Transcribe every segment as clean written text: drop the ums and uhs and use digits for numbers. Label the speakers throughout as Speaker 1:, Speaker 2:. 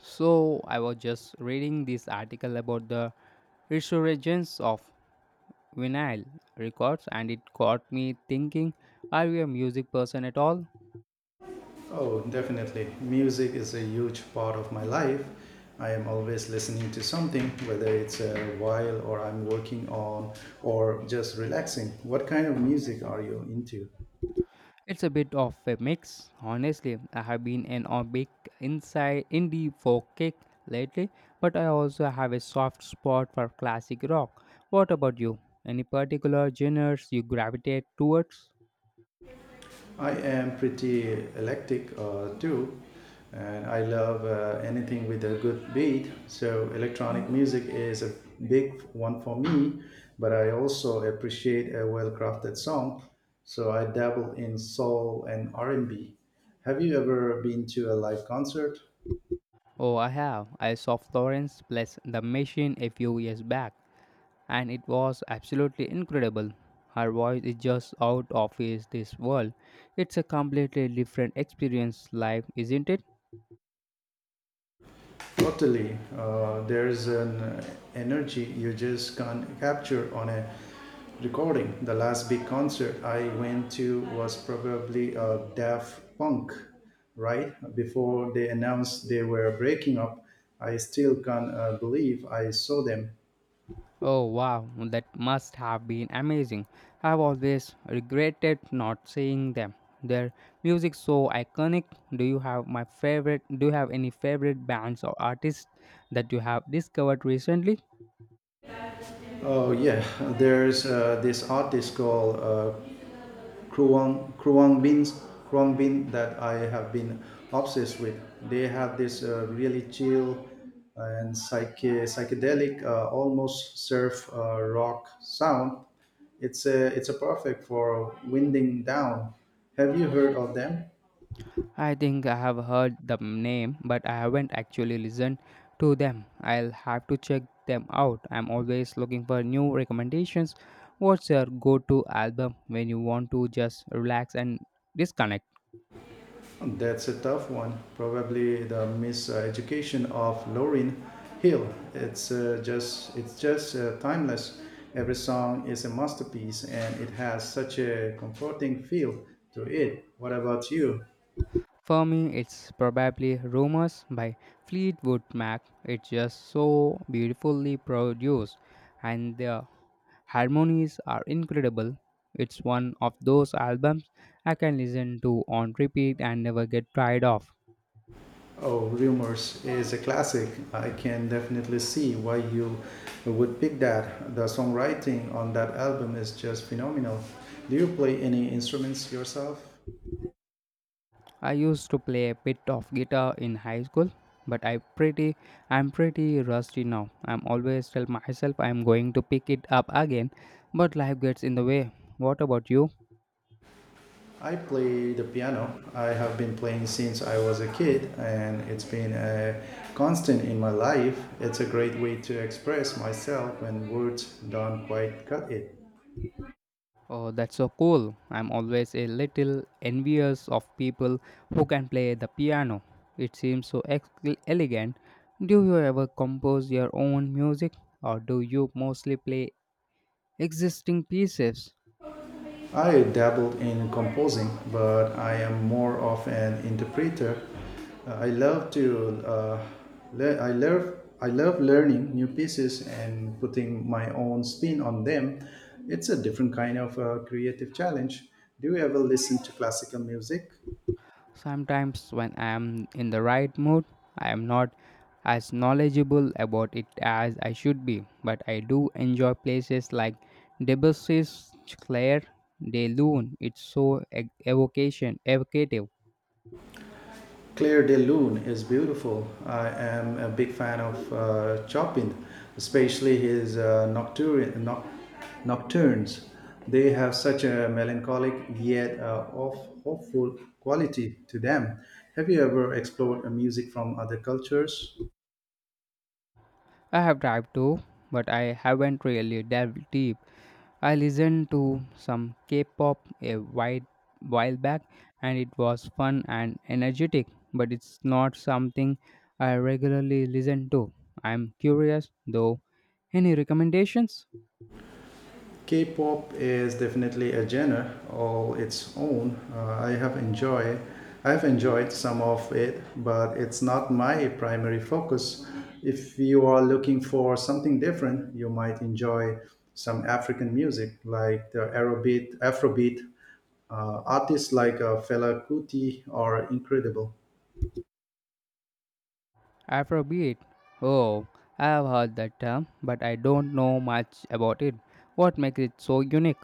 Speaker 1: So, I was just reading this article about the resurgence of vinyl records and it got me thinking, are you a music person at all?
Speaker 2: Oh, definitely. Music is a huge part of my life. I am always listening to something, whether it's a while or I'm working on or just relaxing. What kind of music are you into?
Speaker 1: It's a bit of a mix, honestly. I have been an a big inside indie folk kick lately, but I also have a soft spot for classic rock. What about you? Any particular genres you gravitate towards?
Speaker 2: I am pretty eclectic too, and I love anything with a good beat. So electronic music is a big one for me, but I also appreciate a well-crafted song. So I dabble in soul and R&B. Have you ever been to a live concert?
Speaker 1: Oh, I have. I saw Florence plus The Machine a few years back and it was absolutely incredible. Her voice is just out of is this world. It's a completely different experience, life, isn't it?
Speaker 2: Totally. There's an energy you just can't capture on a recording. The last big concert I went to was probably Daft Punk, right? Before they announced they were breaking up, I still can't believe I saw them.
Speaker 1: Oh wow, that must have been amazing. I've always regretted not seeing them. Their music's so iconic. Do you have my favorite? Do you have any favorite bands or artists that you have discovered recently?
Speaker 2: Oh, yeah. There's this artist called Kruang Kruang beans, Kruang bean that I have been obsessed with. They have this really chill and psychedelic, almost surf rock sound. It's a perfect for winding down. Have you heard of them?
Speaker 1: I think I have heard the name, but I haven't actually listened to them. I'll have to check them out. I'm always looking for new recommendations. What's your go to album when you want to just relax and disconnect?
Speaker 2: That's a tough one. Probably the miseducation of Lauryn Hill. It's just timeless. Every song is a masterpiece, and it has such a comforting feel to it. What about you?
Speaker 1: For me, it's probably Rumors by Fleetwood Mac. It's just so beautifully produced, and the harmonies are incredible. It's one of those albums I can listen to on repeat and never get tired of.
Speaker 2: Oh, Rumors is a classic. I can definitely see why you would pick that. The songwriting on that album is just phenomenal. Do you play any instruments yourself?
Speaker 1: I used to play a bit of guitar in high school, but I'm pretty rusty now. I'm always tell myself I'm going to pick it up again, but life gets in the way. What about you?
Speaker 2: I play the piano. I have been playing since I was a kid, and it's been a constant in my life. It's a great way to express myself when words don't quite cut it.
Speaker 1: Oh, that's so cool. I'm always a little envious of people who can play the piano. It seems so elegant. Do you ever compose your own music or do you mostly play existing pieces?
Speaker 2: I dabbled in composing, but I am more of an interpreter. I love to le- I love learning new pieces and putting my own spin on them. It's a different kind of creative challenge. Do you ever listen to classical music?
Speaker 1: Sometimes, when I am in the right mood, I am not as knowledgeable about it as I should be, but I do enjoy places like Debussy's Claire de Lune. It's so evocative.
Speaker 2: Claire de Lune is beautiful. I am a big fan of Chopin, especially his nocturnes. They have such a melancholic yet hopeful quality to them. Have you ever explored music from other cultures?
Speaker 1: I have tried to, but I haven't really delved deep. I listened to some K-pop while back and it was fun and energetic, but it's not something I regularly listen to. I'm curious though. Any recommendations?
Speaker 2: K-pop is definitely a genre all its own. I have enjoyed some of it, but it's not my primary focus. If you are looking for something different, you might enjoy some African music like the Afrobeat artists like Fela Kuti are incredible.
Speaker 1: Afrobeat. Oh, I have heard that term, but I don't know much about it. What makes it so unique?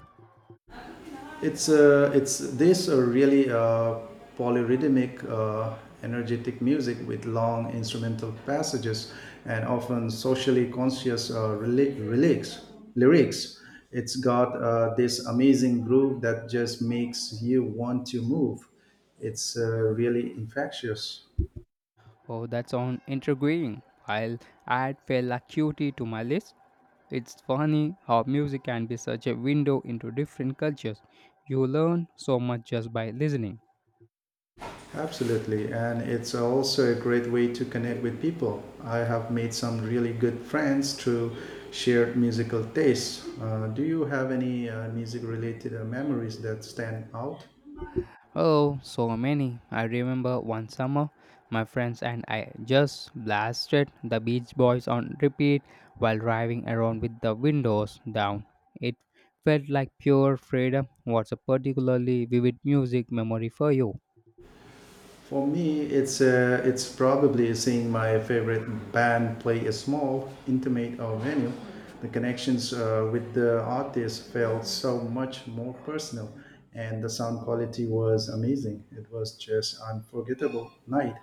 Speaker 2: It's this really polyrhythmic, energetic music with long instrumental passages and often socially conscious lyrics. Lyrics. It's got this amazing groove that just makes you want to move. It's really infectious.
Speaker 1: Oh, that sounds intriguing. I'll add Fela Acuity to my list. It's funny how music can be such a window into different cultures. You learn so much just by listening.
Speaker 2: Absolutely, and it's also a great way to connect with people. I have made some really good friends through shared musical tastes. Do you have any music-related memories that stand out?
Speaker 1: Oh, so many. I remember one summer, my friends and I just blasted the Beach Boys on repeat while driving around with the windows down. It felt like pure freedom. What's a particularly vivid music memory for you?
Speaker 2: For me, it's probably seeing my favorite band play a small, intimate venue. The connections with the artist felt so much more personal, and the sound quality was amazing. It was just unforgettable night.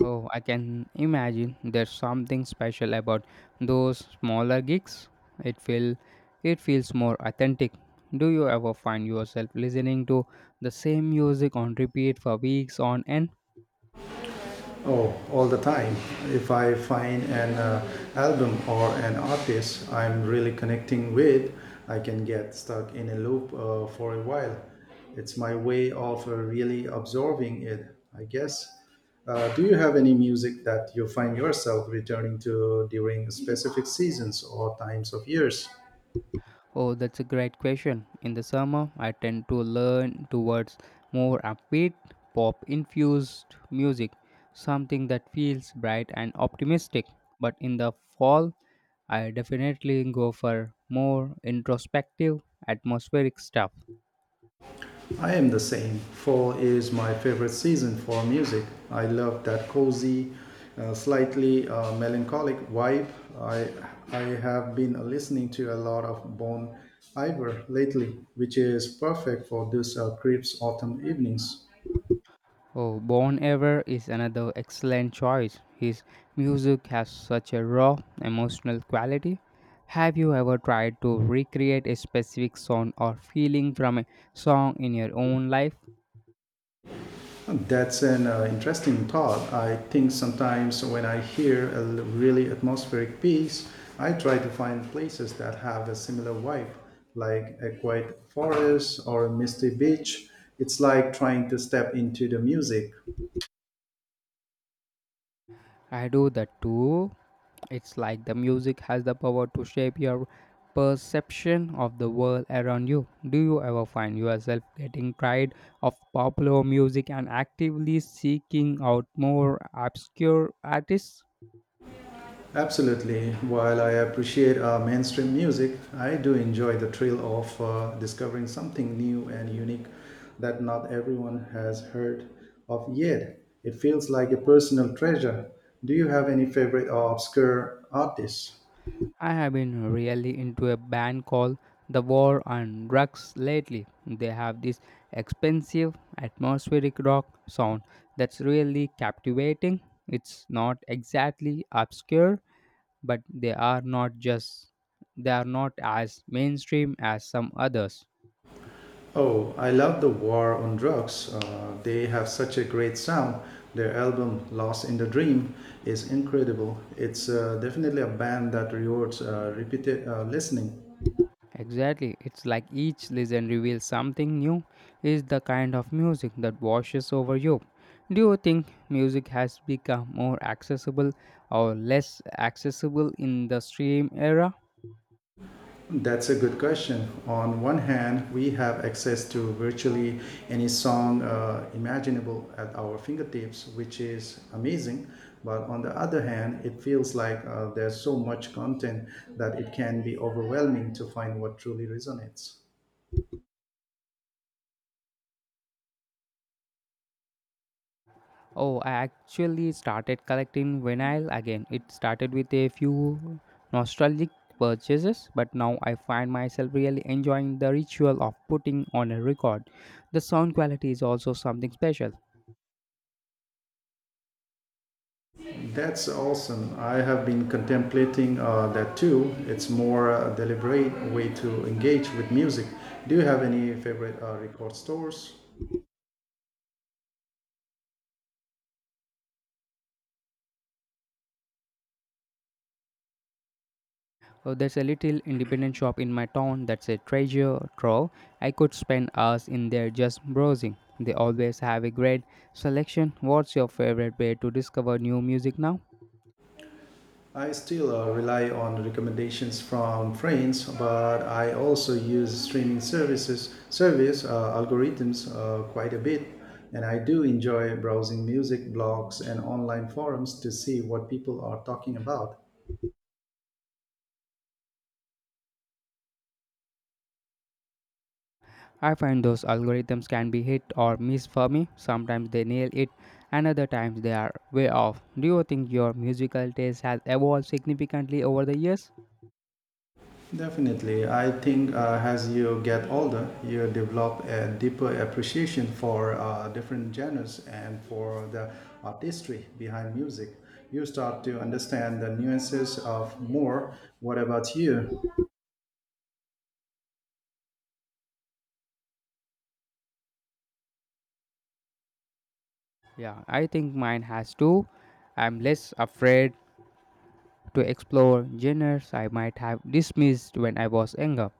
Speaker 1: Oh, I can imagine there's something special about those smaller gigs. It feel it feels more authentic. Do you ever find yourself listening to the same music on repeat for weeks on end?
Speaker 2: Oh, all the time. If I find an album or an artist I'm really connecting with, I can get stuck in a loop for a while. It's my way of really absorbing it, I guess. Do you have any music that you find yourself returning to during specific seasons or times of years?
Speaker 1: Oh, that's a great question. In the summer, I tend to learn towards more upbeat, pop infused music, something that feels bright and optimistic. But in the fall, I definitely go for more introspective, atmospheric stuff.
Speaker 2: I am the same. Fall is my favorite season for music. I love that cozy, slightly melancholic vibe. I I have been listening to a lot of Bon Iver lately, which is perfect for those crisp autumn evenings.
Speaker 1: Oh, Bon Ever is another excellent choice. His music has such a raw, emotional quality. Have you ever tried to recreate a specific sound or feeling from a song in your own life?
Speaker 2: That's an interesting thought. I think sometimes when I hear a really atmospheric piece, I try to find places that have a similar vibe, like a quiet forest or a misty beach. It's like trying to step into the music.
Speaker 1: I do that too. It's like the music has the power to shape your perception of the world around you. Do you ever find yourself getting tired of popular music and actively seeking out more obscure artists?
Speaker 2: Absolutely. While I appreciate mainstream music, I do enjoy the thrill of discovering something new and unique that not everyone has heard of yet. It feels like a personal treasure. Do you have any favorite or obscure artists?
Speaker 1: I have been really into a band called The War on Drugs lately. They have this expensive atmospheric rock sound that's really captivating. It's not exactly obscure, but they are not as mainstream as some others.
Speaker 2: Oh, I love the War on Drugs. They have such a great sound. Their album Lost in the Dream is incredible. It's definitely a band that rewards repeated listening.
Speaker 1: Exactly. It's like each listen reveals something new, is the kind of music that washes over you. Do you think music has become more accessible or less accessible in the stream era?
Speaker 2: That's a good question. On one hand, we have access to virtually any song imaginable at our fingertips, which is amazing. But on the other hand, it feels like there's so much content that it can be overwhelming to find what truly resonates.
Speaker 1: Oh, I actually started collecting vinyl again. It started with a few nostalgic purchases, but now I find myself really enjoying the ritual of putting on a record. The sound quality is also something special.
Speaker 2: That's awesome. I have been contemplating that too. It's more deliberate way to engage with music. Do you have any favorite record stores?
Speaker 1: Oh, there's a little independent shop in my town that's a treasure trove. I could spend hours in there just browsing. They always have a great selection. What's your favorite way to discover new music now?
Speaker 2: I still rely on recommendations from friends, but I also use streaming service algorithms quite a bit, and I do enjoy browsing music blogs and online forums to see what people are talking about.
Speaker 1: I find those algorithms can be hit or miss for me. Sometimes they nail it, and other times they are way off. Do you think your musical taste has evolved significantly over the years?
Speaker 2: Definitely. I think as you get older, you develop a deeper appreciation for different genres and for the artistry behind music. You start to understand the nuances of more. What about you?
Speaker 1: Yeah, I think mine has too. I'm less afraid to explore genres I might have dismissed when I was younger.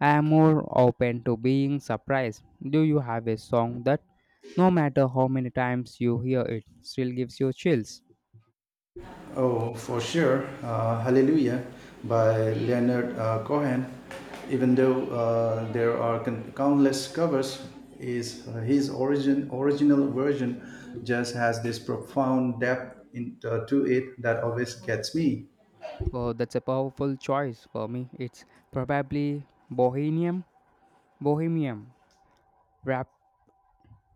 Speaker 1: I am more open to being surprised. Do you have a song that, no matter how many times you hear it, still gives you chills?
Speaker 2: Oh, for sure. Hallelujah by Leonard Cohen. Even though there are countless covers, is his original version just has this profound depth to it that always gets me.
Speaker 1: Oh, that's a powerful choice. For me, it's probably Bohemian Rap,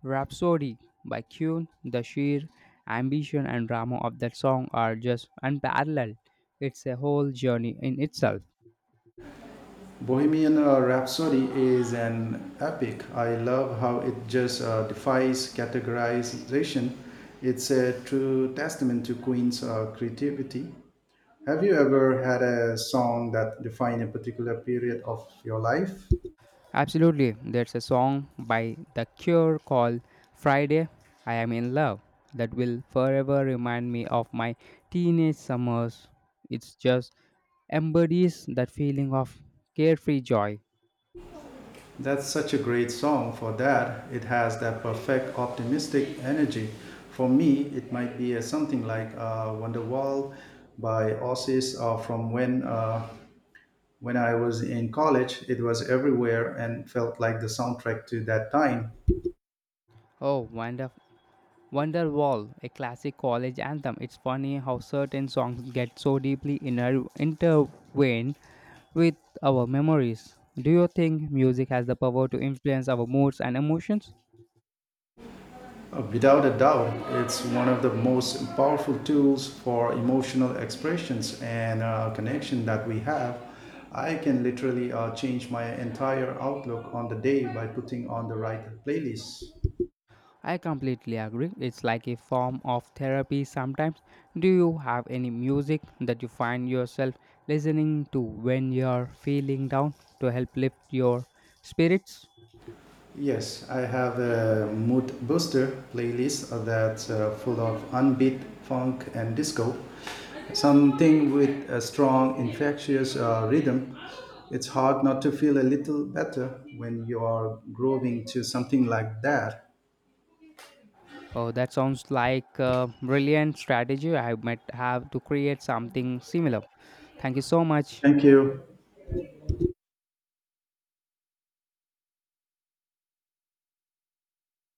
Speaker 1: Rhapsody by Kuhn. The sheer ambition and drama of that song are just unparalleled. It's a whole journey in itself.
Speaker 2: Bohemian Rhapsody is an epic. I love how it just defies categorization. It's a true testament to Queen's creativity. Have you ever had a song that defined a particular period of your life?
Speaker 1: Absolutely. There's a song by The Cure called Friday, I Am in Love that will forever remind me of my teenage summers. It's just embodies that feeling of carefree joy.
Speaker 2: That's such a great song for that. It has that perfect optimistic energy. For me, it might be something like Wonderwall by Oasis or from when when I was in college, it was everywhere and felt like the soundtrack to that time.
Speaker 1: Oh, Wonderwall, a classic college anthem. It's funny how certain songs get so deeply intertwined with our memories. Do you think music has the power to influence our moods and emotions?
Speaker 2: Without a doubt, it's one of the most powerful tools for emotional expressions and connection that we have. I can literally change my entire outlook on the day by putting on the right playlist.
Speaker 1: I completely agree. It's like a form of therapy sometimes. Do you have any music that you find yourself listening to when you're feeling down to help lift your spirits?
Speaker 2: Yes, I have a mood booster playlist that's full of unbeat funk and disco. Something with a strong, infectious rhythm. It's hard not to feel a little better when you are grooving to something like that.
Speaker 1: Oh, that sounds like a brilliant strategy. I might have to create something similar. Thank you so much.
Speaker 2: Thank you.